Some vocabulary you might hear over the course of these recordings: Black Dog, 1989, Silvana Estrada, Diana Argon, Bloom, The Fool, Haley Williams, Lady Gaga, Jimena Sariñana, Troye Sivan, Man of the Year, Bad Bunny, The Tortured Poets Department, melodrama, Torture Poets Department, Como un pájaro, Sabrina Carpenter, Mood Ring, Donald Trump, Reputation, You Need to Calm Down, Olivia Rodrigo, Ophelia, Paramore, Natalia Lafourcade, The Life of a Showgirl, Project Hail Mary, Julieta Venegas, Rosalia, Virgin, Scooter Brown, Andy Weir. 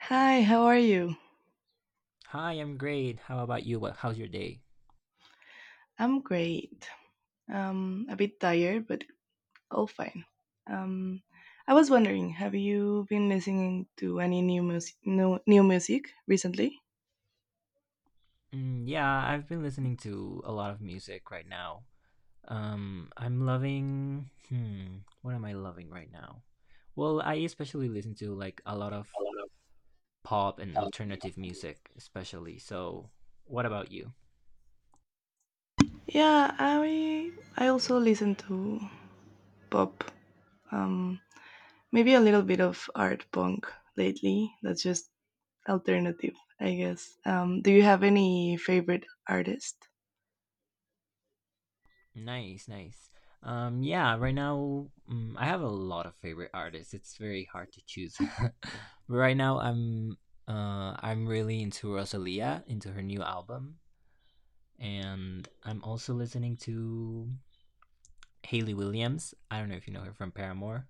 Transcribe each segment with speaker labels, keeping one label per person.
Speaker 1: Hi, how are you?
Speaker 2: Hi, I'm great. How about you? How's your day?
Speaker 1: I'm great. A bit tired, but all fine. Um, I was wondering, have you been listening to any new music, new music recently?
Speaker 2: Mm, yeah, I've been listening to a lot of music right now. I'm loving. Hmm, what am I loving right now? Well, I especially listen to like a lot of pop and alternative music, especially. So, what about you?
Speaker 1: Yeah, I also listen to pop. Um, Maybe a little bit of art punk lately. That's just alternative, I guess. Do you have any favorite artist?
Speaker 2: Nice, nice. Yeah, right now I have a lot of favorite artists. It's very hard to choose. But right now I'm really into Rosalia, into her new album. And I'm also listening to Haley Williams. I don't know if you know her from Paramore.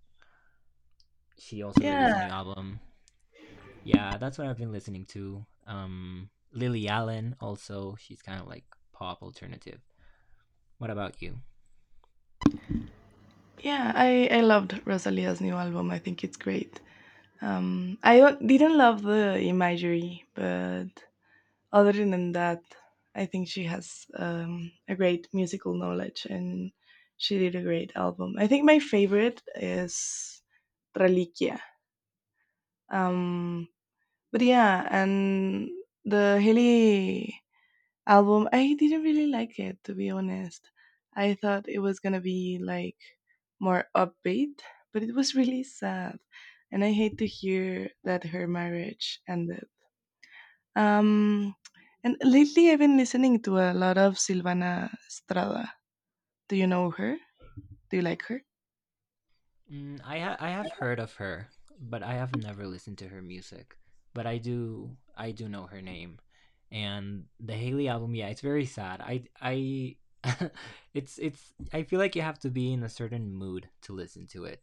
Speaker 2: She also released a
Speaker 1: Yeah,
Speaker 2: new album. Yeah, that's what I've been listening to. Lily Allen also. She's kind of like pop alternative. What about you?
Speaker 1: yeah. I loved Rosalia's new album. I think it's great. I didn't love the imagery, but other than that, I think she has a great musical knowledge and she did a great album. I think my favorite is Reliquia. Um, but yeah, and the Haley album. I didn't really like it, to be honest. I thought it was gonna be like more upbeat, but it was really sad, and I hate to hear that her marriage ended. Um, and lately, I've been listening to a lot of Silvana Estrada. Do you know her? Do you like her?
Speaker 2: I have heard of her, but I have never listened to her music. But I do know her name, and the Haley album. Yeah, it's very sad. I it's I feel like you have to be in a certain mood to listen to it.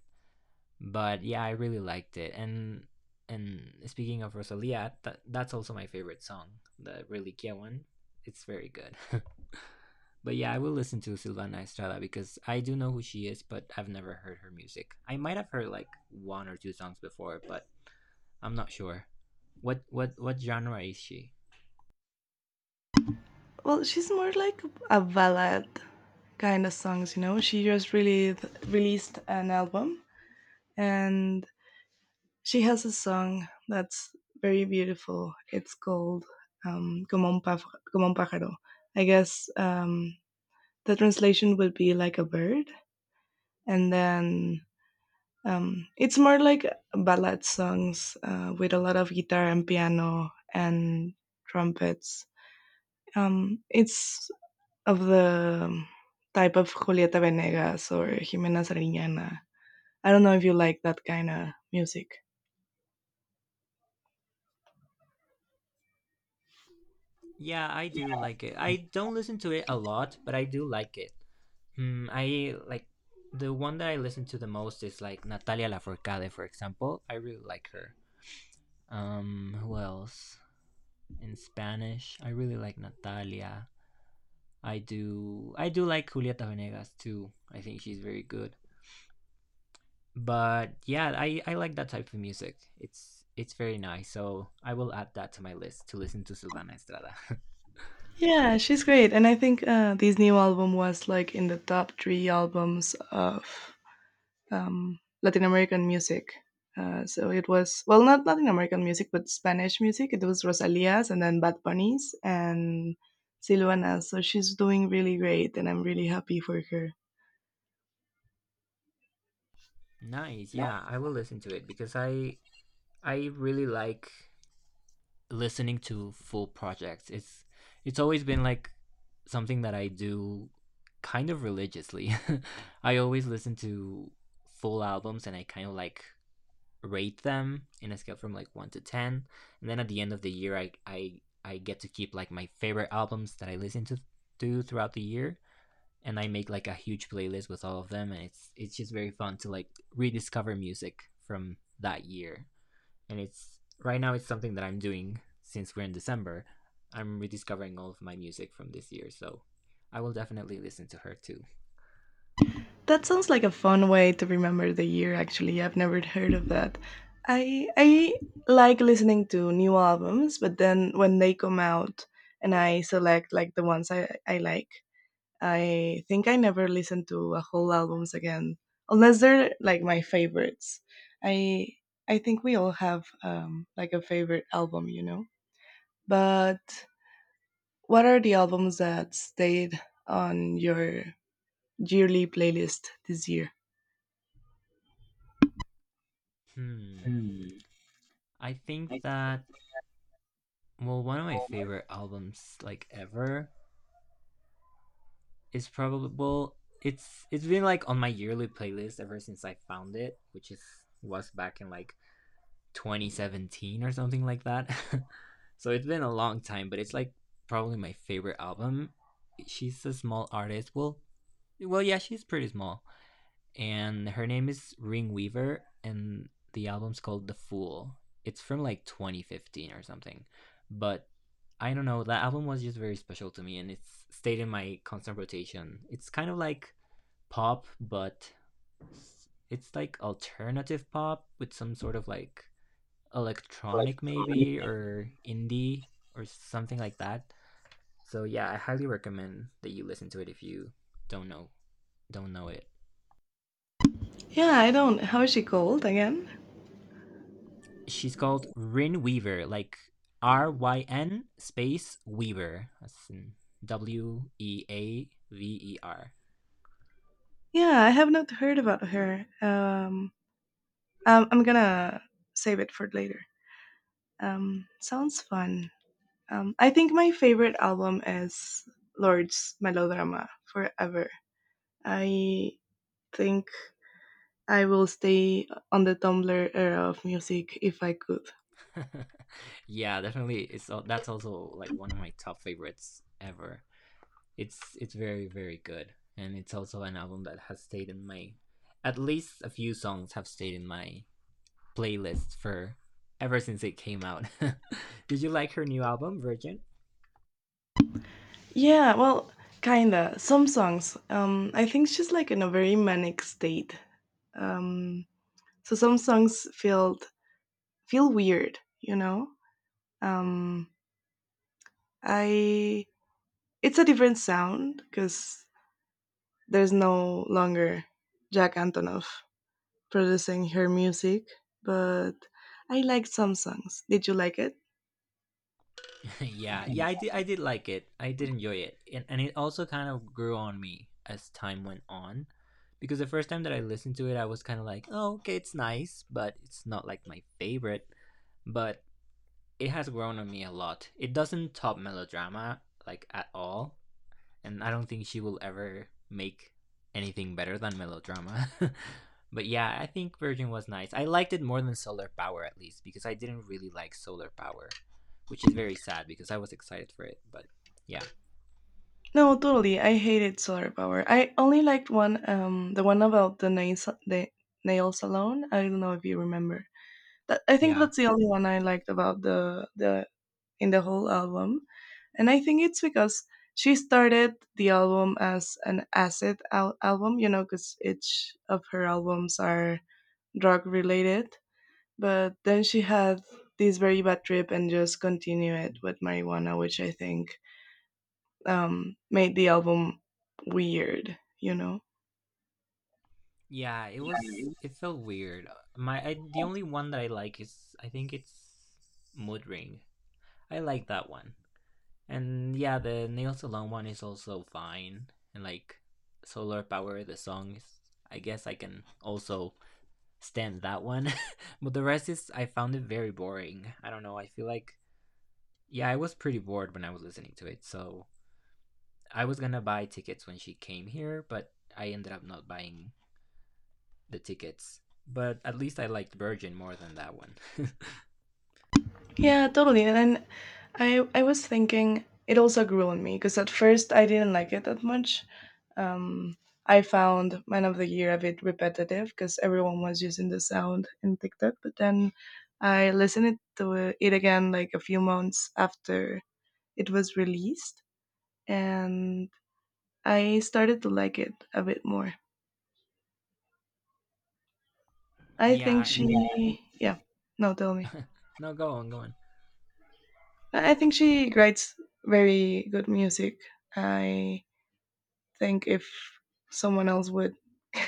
Speaker 2: But yeah, I really liked it. And speaking of Rosalia, that's also my favorite song, the Reliquia one. It's very good. But yeah, I will listen to Silvana Estrada because I do know who she is, but I've never heard her music. I might have heard like one or two songs before, but I'm not sure. What genre is she?
Speaker 1: Well, she's more like a ballad kind of songs, you know. She just really released an album, and she has a song that's very beautiful. It's called Como un pájaro. I guess the translation would be like a bird. And then it's more like ballad songs with a lot of guitar and piano and trumpets. It's of the type of Julieta Venegas or Jimena Sariñana. I don't know if you like that kind of music.
Speaker 2: Yeah, I do like it. I don't listen to it a lot, but I do like it. I like the one that I listen to the most is like Natalia Lafourcade, for example. I really like her. Who else in Spanish? I really like Natalia. I do like Julieta Venegas too. I think she's very good. But yeah, I like that type of music. It's very nice. So I will add that to my list to listen to Silvana Estrada.
Speaker 1: Yeah, she's great, and I think this new album was like in the top three albums of Latin American music. So it was well, not Latin American music, but Spanish music. It was Rosalia's, and then Bad Bunny's, and Silvana. So she's doing really great, and I'm really happy for her.
Speaker 2: Nice. Yeah, I will listen to it because I really like listening to full projects. It's always been like something that I do kind of religiously. I always listen to full albums and I kind of like rate them in a scale from like 1 to 10. And then at the end of the year I get to keep like my favorite albums that I listen to throughout the year and I make like a huge playlist with all of them and it's just very fun to like rediscover music from that year and it's right now it's something that I'm doing since we're in December. I'm rediscovering all of my music from this year, so I will definitely listen to her too.
Speaker 1: That sounds like a fun way to remember the year actually. I've never heard of that. I like listening to new albums, but then when they come out and I select like the ones I like, I think I never listen to a whole albums again unless they're like my favorites. I I think we all have like a favorite album, you know. But what are the albums that stayed on your yearly playlist this year?
Speaker 2: Hmm. I think that well, one of my favorite albums like ever is probably it's been like on my yearly playlist ever since I found it, which is was back in like 2017 or something like that. So it's been a long time, but it's like probably my favorite album. She's a small artist. Yeah, she's pretty small, and her name is Ring Weaver, and the album's called The Fool. It's from like 2015 or something, but I don't know. That album was just very special to me, and it's stayed in my constant rotation. It's kind of like pop, but it's like alternative pop with some sort of like electronic maybe or indie or something like that. So yeah, I highly recommend that you listen to it if you don't know don't know it.
Speaker 1: Yeah, I don't. How is she called again?
Speaker 2: She's called Ryn Weaver, like RYN space Weaver. That's in Weaver.
Speaker 1: Yeah, I have not heard about her. I'm gonna save it for later. Sounds fun. I think my favorite album is Lord's Melodrama Forever. I think I will stay on the Tumblr era of music if I could.
Speaker 2: Yeah, definitely. It's that's also like one of my top favorites ever. It's very very good, and it's also an album that has stayed in my. At least a few songs have stayed in my playlist for ever since it came out. Did you like her new album, Virgin?
Speaker 1: Yeah, well, kinda. Some songs. I think she's like in a very manic state. Um, so some songs felt. Feel weird, you know? Um, I It's a different sound because there's no longer Jack Antonoff producing her music, but I liked some songs. Did you like it?
Speaker 2: Yeah, I did. I did like it. I did enjoy it, and it also kind of grew on me as time went on, because the first time that I listened to it, I was kind of like, oh, okay, it's nice, but it's not like my favorite. But it has grown on me a lot. It doesn't top melodrama like at all, and I don't think she will ever make anything better than melodrama. But yeah, I think Virgin was nice. I liked it more than Solar Power at least because I didn't really like Solar Power, which is very sad because I was excited for it. But yeah,
Speaker 1: No, totally. I hated Solar Power. I only liked one, the one about the nail salon. I don't know if you remember. That, I think
Speaker 2: yeah,
Speaker 1: that's the only one I liked about the in the whole album. And I think it's because she started the album as an album, you know, because each of her albums are drug related. But then she had this very bad trip and just continued it with marijuana, which I think made the album weird, you know?
Speaker 2: yeah. It was. It felt weird. The only one that I like is I think it's Mood Ring. I like that one. And yeah, the nail salon one is also fine. And like Solar Power, the song is I guess I can also stand that one. But the rest is I found it very boring. I don't know. I feel like yeah, I was pretty bored when I was listening to it. So I was gonna buy tickets when she came here, but I ended up not buying the tickets. But at least I liked Virgin more than that one.
Speaker 1: Yeah, totally. And then I was thinking it also grew on me because at first I didn't like it that much. Um, I found Man of the Year a bit repetitive because everyone was using the sound in TikTok. But then I listened to it again like a few months after it was released, and I started to like it a bit more. I think
Speaker 2: Yeah,
Speaker 1: yeah, yeah. No, tell me.
Speaker 2: no, go on.
Speaker 1: I think she writes very good music. I think if someone else would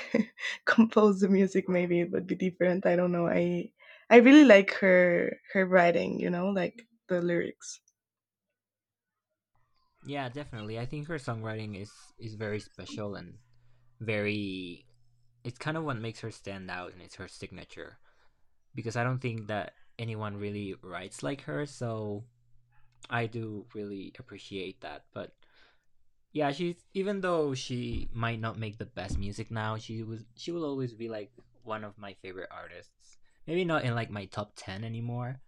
Speaker 1: compose the music maybe it would be different. I don't know. I really like her writing, you know, like the lyrics.
Speaker 2: Yeah, definitely. I think her songwriting is very special and very. It's kind of what makes her stand out, and it's her signature because I don't think that anyone really writes like her. So I do really appreciate that. But yeah, she's even though she might not make the best music now, she will always be like one of my favorite artists. Maybe not in like my top ten anymore,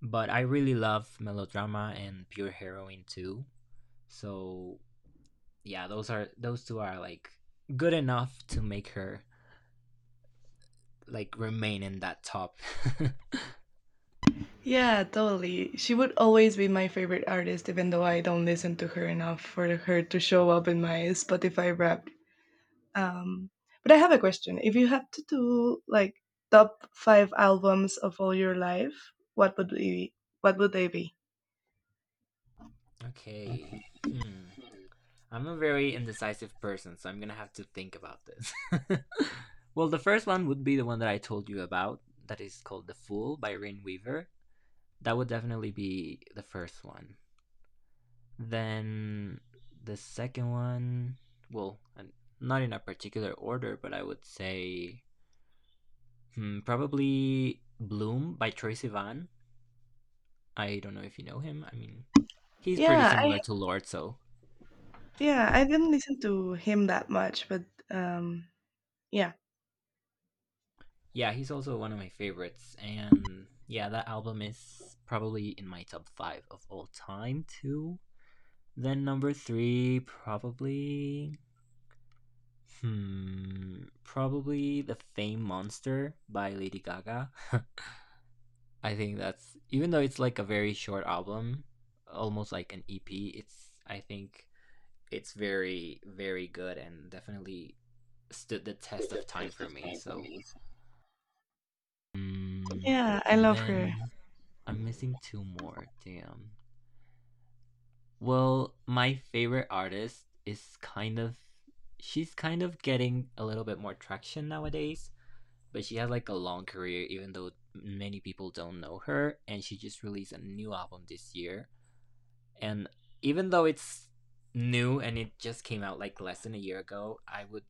Speaker 2: but I really love melodrama and pure heroine too. So yeah, those two are like good enough to make her like remain in that top.
Speaker 1: Yeah, totally, she would always be my favorite artist even though I don't listen to her enough for her to show up in my spotify rap. um but I have a question. If you had to do like top five albums of all your life, what would be what would they be?
Speaker 2: Okay. Hmm. I'm a very indecisive person, so I'm gonna have to think about this. Well, the first one would be the one that I told you about, that is called The Fool by Rain Weaver. That would definitely be the first one. Then the second one, well, not in a particular order, but I would say probably Bloom by Troye Sivan. I don't know if you know him. I mean, he's pretty
Speaker 1: Yeah i
Speaker 2: similar to Lord, so
Speaker 1: Yeah, I didn't listen to him that much, but um, yeah,
Speaker 2: Yeah, he's also one of my favorites, and yeah, that album is probably in my top five of all time too. Then number three, probably, probably the Fame Monster by Lady Gaga. I think that's even though it's like a very short album, almost like an EP. It's I think it's very very good and definitely stood the test of time for me. So Mm,
Speaker 1: yeah, I love her.
Speaker 2: then I'm missing two more. Damn. Well, my favorite artist is kind of she's kind of getting a little bit more traction nowadays, but she has like a long career even though many people don't know her and she just released a new album this year. And even though it's new and it just came out like less than a year ago, I would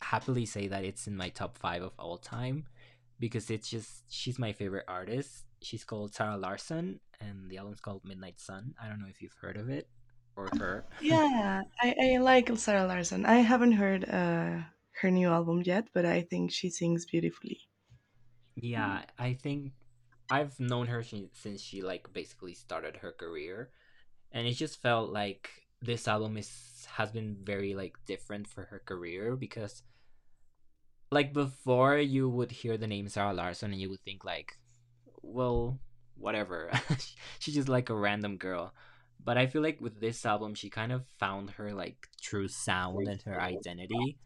Speaker 2: happily say that it's in my top five of all time because it's just she's my favorite artist. She's called Sarah Larson, and the album's called Midnight Sun. I don't know if you've heard of it or her.
Speaker 1: Yeah, I like Sarah Larson. I haven't heard her new album yet, but I think she sings beautifully.
Speaker 2: Yeah, I think I've known her since she like basically started her career, and it just felt like this album is has been very like different for her career because like before you would hear the name Sarah Larson and you would think like, well, whatever. She's just like a random girl. But I feel like with this album she kind of found her like true sound and her identity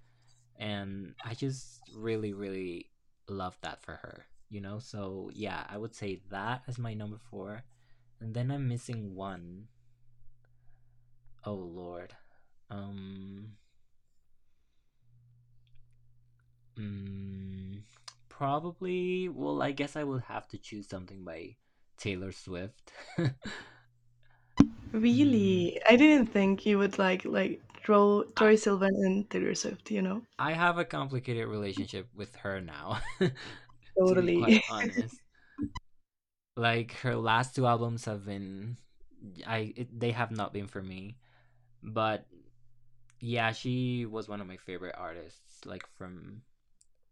Speaker 2: and I just really really love that for her, you know? So yeah, I would say that as my number 4. And then I'm missing one. Oh lord. Um Mm, probably. Well, I guess I would have to choose something by Taylor Swift. mm,
Speaker 1: Really, I didn't think you would like
Speaker 2: I
Speaker 1: Troy Sivan and Taylor Swift. You know,
Speaker 2: I have a complicated relationship with her now, to be
Speaker 1: totally.
Speaker 2: quite honest. Like her last two albums have been, they have not been for me. But yeah, she was one of my favorite artists, like from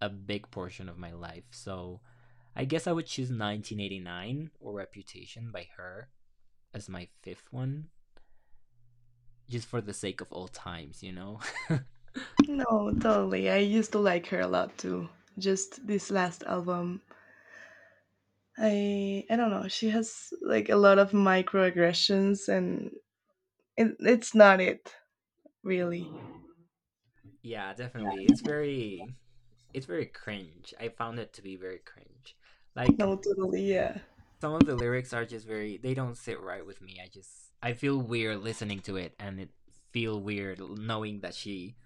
Speaker 2: a big portion of my life. So I guess I would choose 1989 or Reputation by her as my fifth one, just for the sake of old times, you know.
Speaker 1: No, totally. I used to like her a lot too. Just this last album, I don't know. She has like a lot of microaggressions and it's not it, really.
Speaker 2: Yeah, definitely. It's very cringe. I found it to be very cringe. Like
Speaker 1: No, totally, yeah.
Speaker 2: some of the lyrics are just very, they don't sit right with me. I just, I feel weird listening to it, and it feel weird knowing that she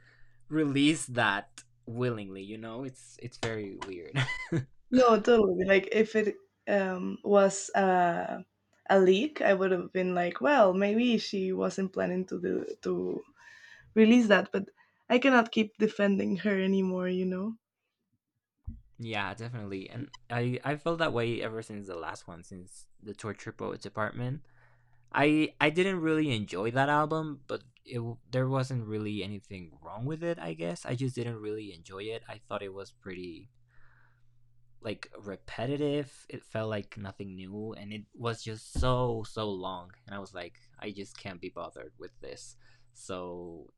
Speaker 2: released that willingly, it's very weird.
Speaker 1: No, totally. Like if it was a leak, I would have been like, well, maybe she wasn't planning to do to release that, but I cannot keep defending her anymore, you know.
Speaker 2: Yeah, definitely. And I felt that way ever since the last one, since the torture triple department. I didn't really enjoy that album, but there wasn't really anything wrong with it. I guess I just didn't really enjoy it. I thought it was pretty like repetitive. It felt like nothing new, and it was just so long. And I was like, I just can't be bothered with this. So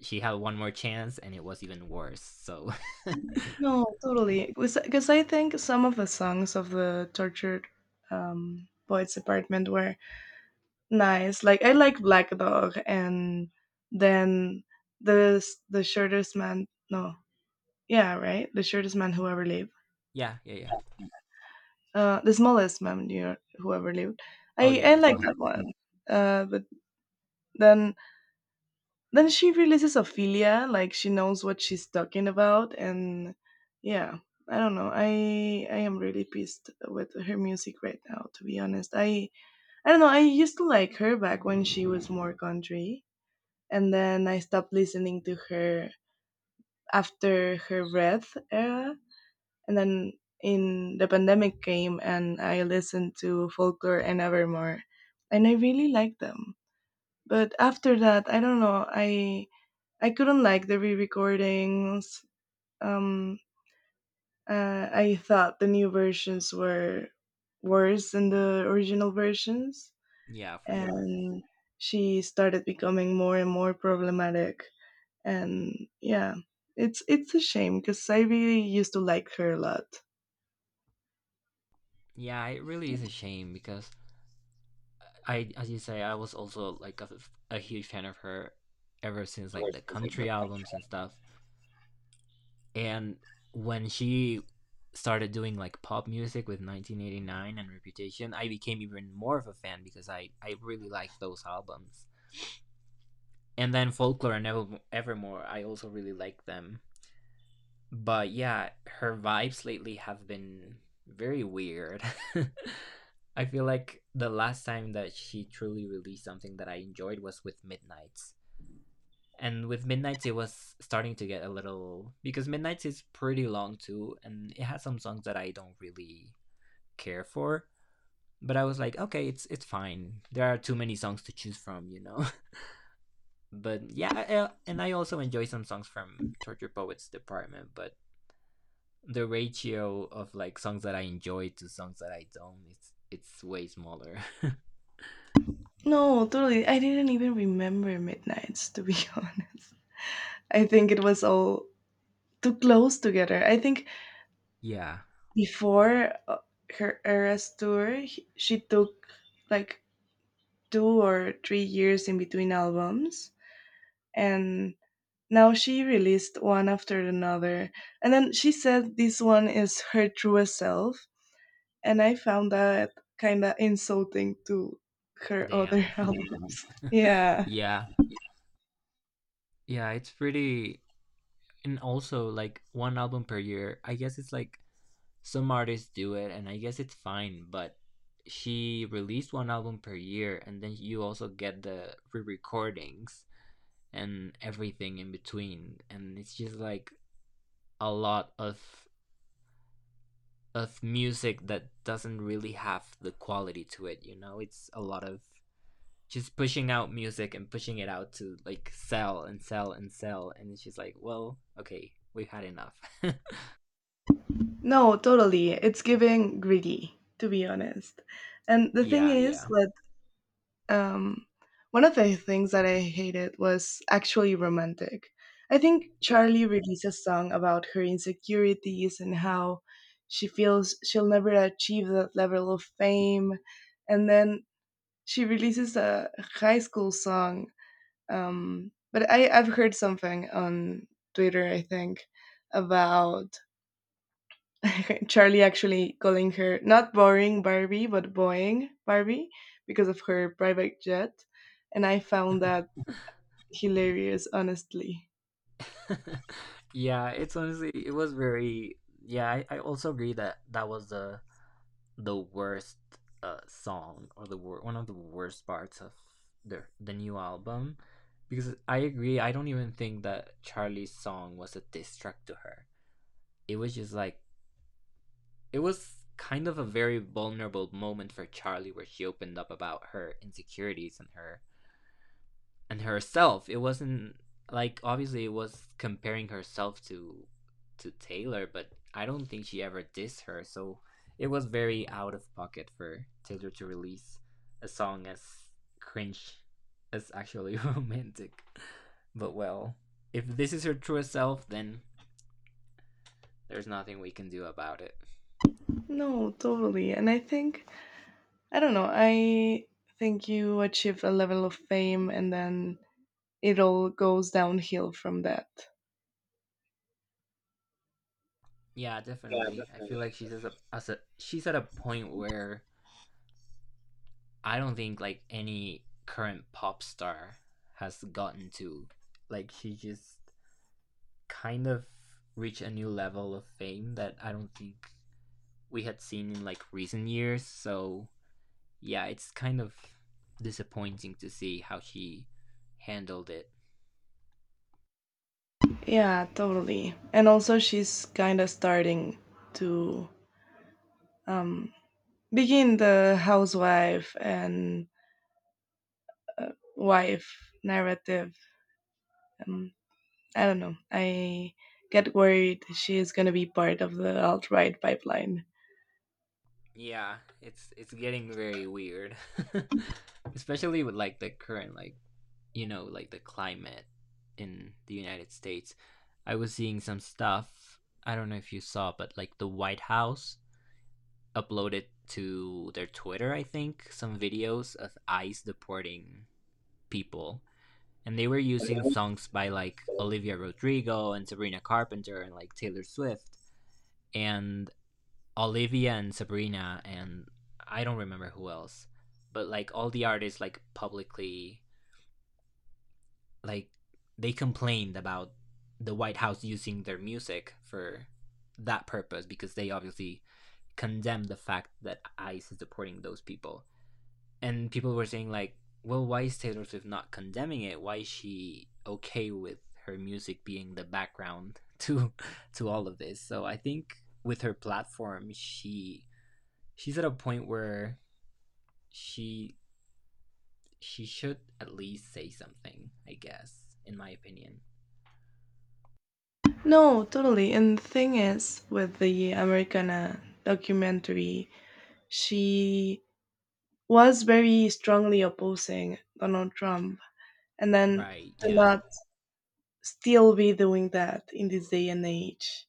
Speaker 2: she had one more chance, and it was even worse. So yeah,
Speaker 1: No, totally. Because I think some of the songs of the tortured poets department were nice. Like I like Black Dog, and then the the shortest man. No. Yeah, right. The shortest man who ever lived.
Speaker 2: yeah, yeah.
Speaker 1: The smallest man you- know, who ever lived.
Speaker 2: Oh
Speaker 1: I
Speaker 2: yeah,
Speaker 1: I
Speaker 2: this
Speaker 1: like
Speaker 2: month.
Speaker 1: that one. But then then she releases Ophelia, like she knows what she's talking about, and yeah, I don't know. I am really pissed with her music right now, to be honest. I don't know. I used to like her back when she was more country, and then I stopped listening to her after her Wrath era, and then in the pandemic came and I listened to Folklore and Evermore and I really liked them. But after that, I don't know, I couldn't like the re-recordings. Um I thought the new versions were worse than the original versions,
Speaker 2: Yeah, for sure.
Speaker 1: and she started becoming more and more problematic, and yeah, it's a shame cuz I really used to like her a lot.
Speaker 2: Yeah, it really is a shame because I, as you say, I was also like a huge fan of her ever since like the country albums and stuff. And when she started doing like pop music with 1989 and Reputation, I became even more of a fan because I really liked those albums. And then Folklore and Evermore, I also really liked them. But yeah, her vibes lately have been very weird. I feel like the last time that she truly released something that I enjoyed was with Midnights. And with Midnight's, it was starting to get a little, because Midnight's is pretty long too, and it has some songs that I don't really care for. But I was like, okay, it's fine. There are too many songs to choose from, But yeah, and I also enjoy some songs from Torture Poets Department, but the ratio of like songs that I enjoy to songs that I don't, it's way smaller.
Speaker 1: No, totally. I didn't even remember Midnights, to be honest. I think it was all too close together. I think
Speaker 2: Yeah.
Speaker 1: before her Eras tour, she took like 2 or 3 years in between albums. And now she released one after another. And then she said this one is her truest self. And I found that kind of insulting to her other
Speaker 2: Damn.
Speaker 1: albums. Yeah.
Speaker 2: Yeah. Yeah, it's pretty, and also like one album per year. I guess it's like some artists do it and I guess it's fine, but she released one album per year, and then you also get the re-recordings and everything in between, and it's just like a lot of music that doesn't really have the quality to it. It's a lot of just pushing out music and pushing it out to like sell and sell and sell, and it's just like, well, okay, we've had enough.
Speaker 1: No, totally. It's giving greedy, to be honest. And the thing
Speaker 2: Yeah,
Speaker 1: is
Speaker 2: yeah,
Speaker 1: that um, one of the things that I hated was actually romantic. I think
Speaker 2: yeah.
Speaker 1: Charlie released a song about her insecurities and how she feels she'll never achieve that level of fame. And then she releases a high school song. But I've heard something on Twitter, I think, about Charlie actually calling her not boring Barbie, but Boeing Barbie because of her private jet. And I found that hilarious, honestly.
Speaker 2: Yeah, it's honestly, it was very, yeah, I also agree that that was the worst song, or one of the worst parts of the new album, because I agree, I don't even think that Charlie's song was a diss track to her. It was just like, it was kind of a very vulnerable moment for Charlie where she opened up about her insecurities and herself. It wasn't like, obviously it was comparing herself to Taylor, but I don't think she ever dissed her. So it was very out of pocket for Taylor to release a song as cringe as actually romantic. But well, if this is her true self, then there's nothing we can do about it.
Speaker 1: No, totally. And I think, I don't know, I think you achieve a level of fame and then it all goes downhill from that.
Speaker 2: Yeah, definitely. I feel like she's at a she's at a point where I don't think like any current pop star has gotten to. Like she just kind of reached a new level of fame that I don't think we had seen in like recent years. So yeah, it's kind of disappointing to see how she handled it.
Speaker 1: Yeah, totally. And also, she's kind of starting to um, begin the housewife and wife narrative. Um, I don't know. I get worried she is going to be part of the alt right pipeline.
Speaker 2: Yeah, it's getting very weird, especially with like the current like, like the climate in the United States. I was seeing some stuff. I don't know if you saw, but like the White House uploaded to their Twitter, I think, some videos of ICE deporting people, and they were using songs by like Olivia Rodrigo and Sabrina Carpenter and like Taylor Swift. And Olivia and Sabrina and I don't remember who else, but like all the artists like publicly like they complained about the White House using their music for that purpose, because they obviously condemned the fact that ICE is deporting those people. And people were saying like, well, why is Taylor Swift not condemning it? Why is she okay with her music being the background to all of this? So I think with her platform, she she's at a point where she she should at least say something, I guess, in my opinion.
Speaker 1: No, totally. And the thing is, with the Americana documentary, she was very strongly opposing Donald Trump. And then
Speaker 2: Right,
Speaker 1: to
Speaker 2: yeah.
Speaker 1: not still be doing that in this day and age,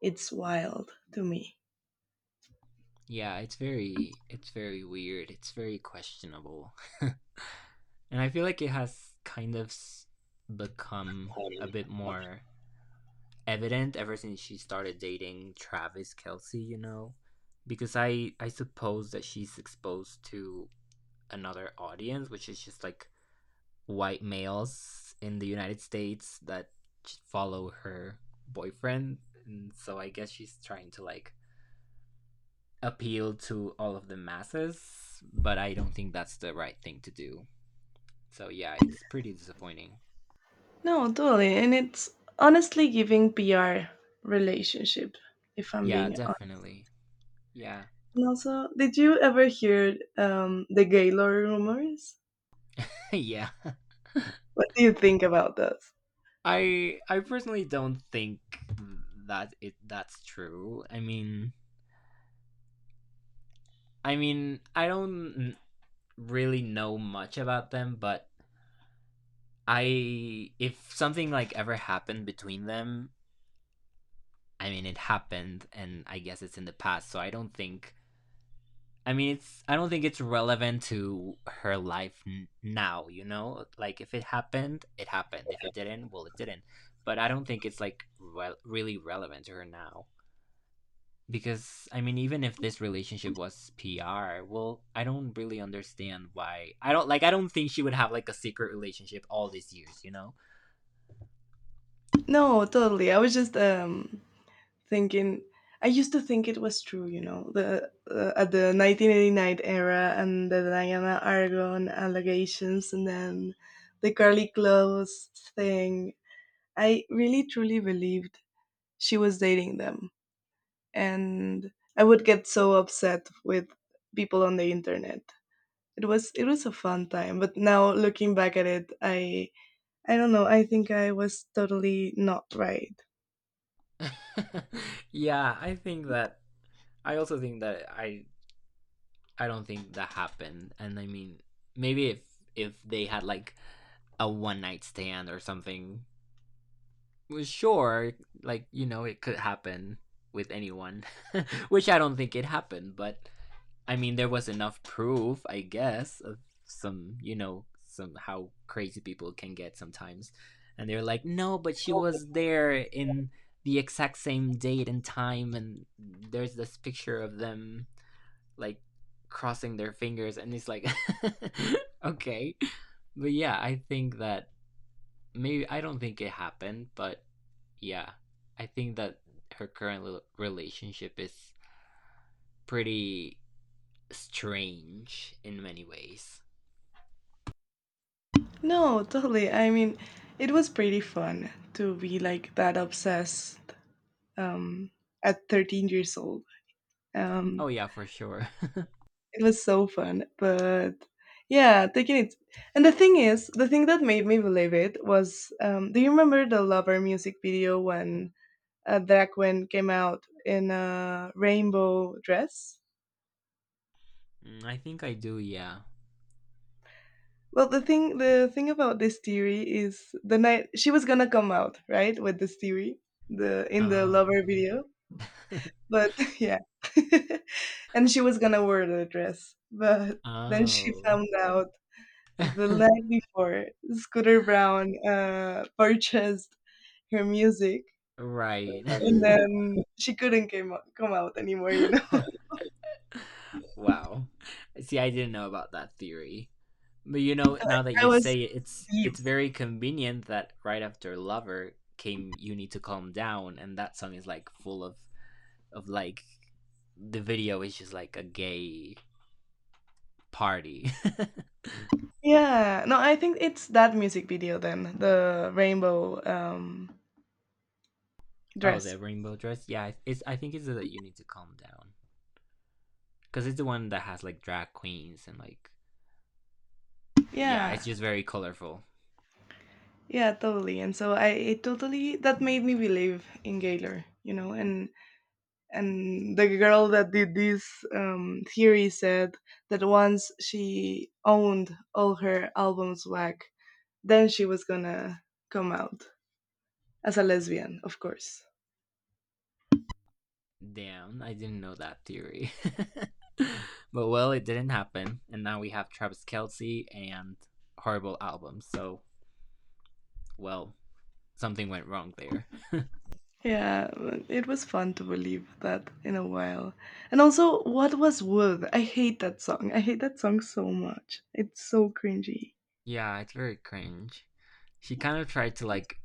Speaker 1: it's wild to me.
Speaker 2: Yeah, it's very weird. It's very questionable. And I feel like it has kind of become a bit more evident ever since she started dating Travis Kelsey, you know? Because I suppose that she's exposed to another audience, which is just like white males in the United States that follow her boyfriend. And so I guess she's trying to like appeal to all of the masses, but I don't think that's the right thing to do. So yeah, it's pretty disappointing.
Speaker 1: No, totally. And it's honestly giving PR relationship, if I'm
Speaker 2: Yeah,
Speaker 1: being honest.
Speaker 2: definitely. Yeah.
Speaker 1: And also, did you ever hear the Gaylord rumors?
Speaker 2: Yeah.
Speaker 1: What do you think about those?
Speaker 2: I personally don't think that it that's true. I mean, I don't really know much about them, but I, if something like ever happened between them, I mean it happened and I guess it's in the past, so I don't think, I mean it's, I don't think it's relevant to her life now, you know? Like if it happened, it happened. If it didn't, well it didn't. But I don't think it's like really relevant to her now, because I mean even if this relationship was PR, well, I don't really understand why. I don't think she would have like a secret relationship all these years, you know?
Speaker 1: No, totally. I was just thinking. I used to think it was true, you know, the at the 1989 era and the Diana Argon allegations, and then the Carly Close thing. I really truly believed she was dating them, and I would get so upset with people on the internet. It was a fun time, but now looking back at it, I don't know, I think I was totally not right.
Speaker 2: Yeah, I think that I also think that I don't think that happened. And I mean, maybe if they had like a one night stand or something, was sure, like, you know, it could happen with anyone, which I don't think it happened, but I mean, there was enough proof, I guess, of some, you know, some how crazy people can get sometimes. And they're like, no, but she was there in the exact same date and time, and there's this picture of them, like, crossing their fingers, and it's like, okay. But yeah, I think that maybe I don't think it happened, but yeah, I think that her current relationship is pretty strange in many ways.
Speaker 1: No totally, I mean it was pretty fun to be like that obsessed um at 13 years old. um
Speaker 2: Oh yeah, for sure.
Speaker 1: it was so fun, but yeah, taking it, and the thing that made me believe it was do you remember the lover music video when Drag Queen came out in a rainbow dress?
Speaker 2: I think I do, yeah.
Speaker 1: Well, the thing about this theory is the night she was gonna come out, right, with this theory, the in the
Speaker 2: Oh.
Speaker 1: lover video. But yeah. And she was gonna wear the dress. But then she
Speaker 2: Oh.
Speaker 1: found out the night before Scooter Brown purchased her music,
Speaker 2: Right.
Speaker 1: and then she couldn't come out anymore, you know.
Speaker 2: Wow. See, I didn't know about that theory. But you know, now that
Speaker 1: I
Speaker 2: you
Speaker 1: was
Speaker 2: say it, it's
Speaker 1: deep.
Speaker 2: it's very convenient that right after Lover came You Need to Calm Down, and that song is like full of like, the video is just like a gay party.
Speaker 1: Yeah. No, I think it's that music video then, the rainbow
Speaker 2: Oh,
Speaker 1: dress.
Speaker 2: the rainbow dress. Yeah, it's, I think it's that You Need to Calm Down, because it's the one that has like drag queens and like, yeah,
Speaker 1: Yeah.
Speaker 2: it's just very colorful.
Speaker 1: Yeah, totally. And so I it totally that made me believe in Gaylor, you know, and the girl that did this theory said that once she owned all her albums back, then she was gonna come out as a lesbian, of course.
Speaker 2: Damn, I didn't know that theory. But well, it didn't happen, and now we have Travis Kelce and horrible albums. So, well, something went wrong there.
Speaker 1: Yeah, but it was fun to believe that in a while. And also, what was Wood? I hate that song. I hate that song so much. It's so cringy.
Speaker 2: Yeah, it's very cringe. She kind of tried to like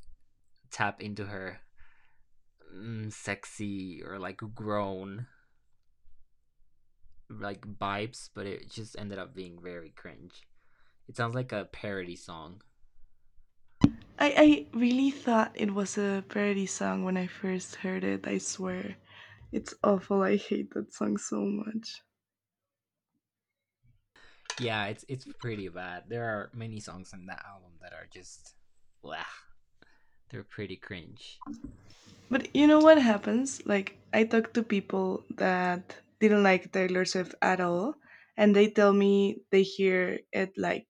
Speaker 2: tap into her mm, sexy or like grown like vibes, but it just ended up being very cringe. It sounds like a parody song.
Speaker 1: I really thought it was a parody song when I first heard it, I swear. It's awful. I hate that song so much.
Speaker 2: Yeah, it's pretty bad. There are many songs on that album that are just, blah. They're pretty cringe.
Speaker 1: But you know what happens? Like, I talk to people that didn't like Taylor Swift at all, and they tell me they hear it like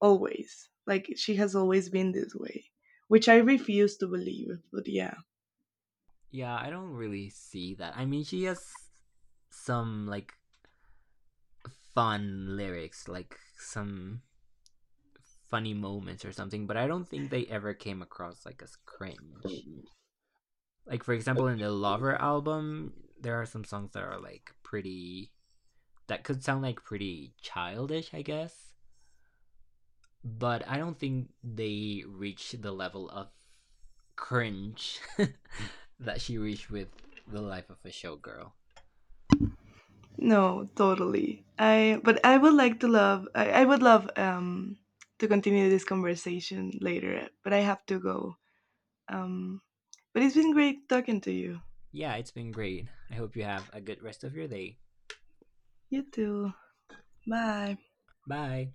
Speaker 1: always. Like, she has always been this way, which I refuse to believe. But yeah.
Speaker 2: Yeah, I don't really see that. I mean, she has some like fun lyrics, like some funny moments or something, but I don't think they ever came across like as cringe. Like for example, in the Lover album, there are some songs that are like pretty, that could sound like pretty childish, I guess, but I don't think they reach the level of cringe that she reached with The Life of a Showgirl.
Speaker 1: No, totally. I but I would like to I would love to continue this conversation later, but I have to go. Um but it's been great talking to you.
Speaker 2: Yeah, it's been great. I hope you have a good rest of your day.
Speaker 1: You too. Bye.
Speaker 2: Bye.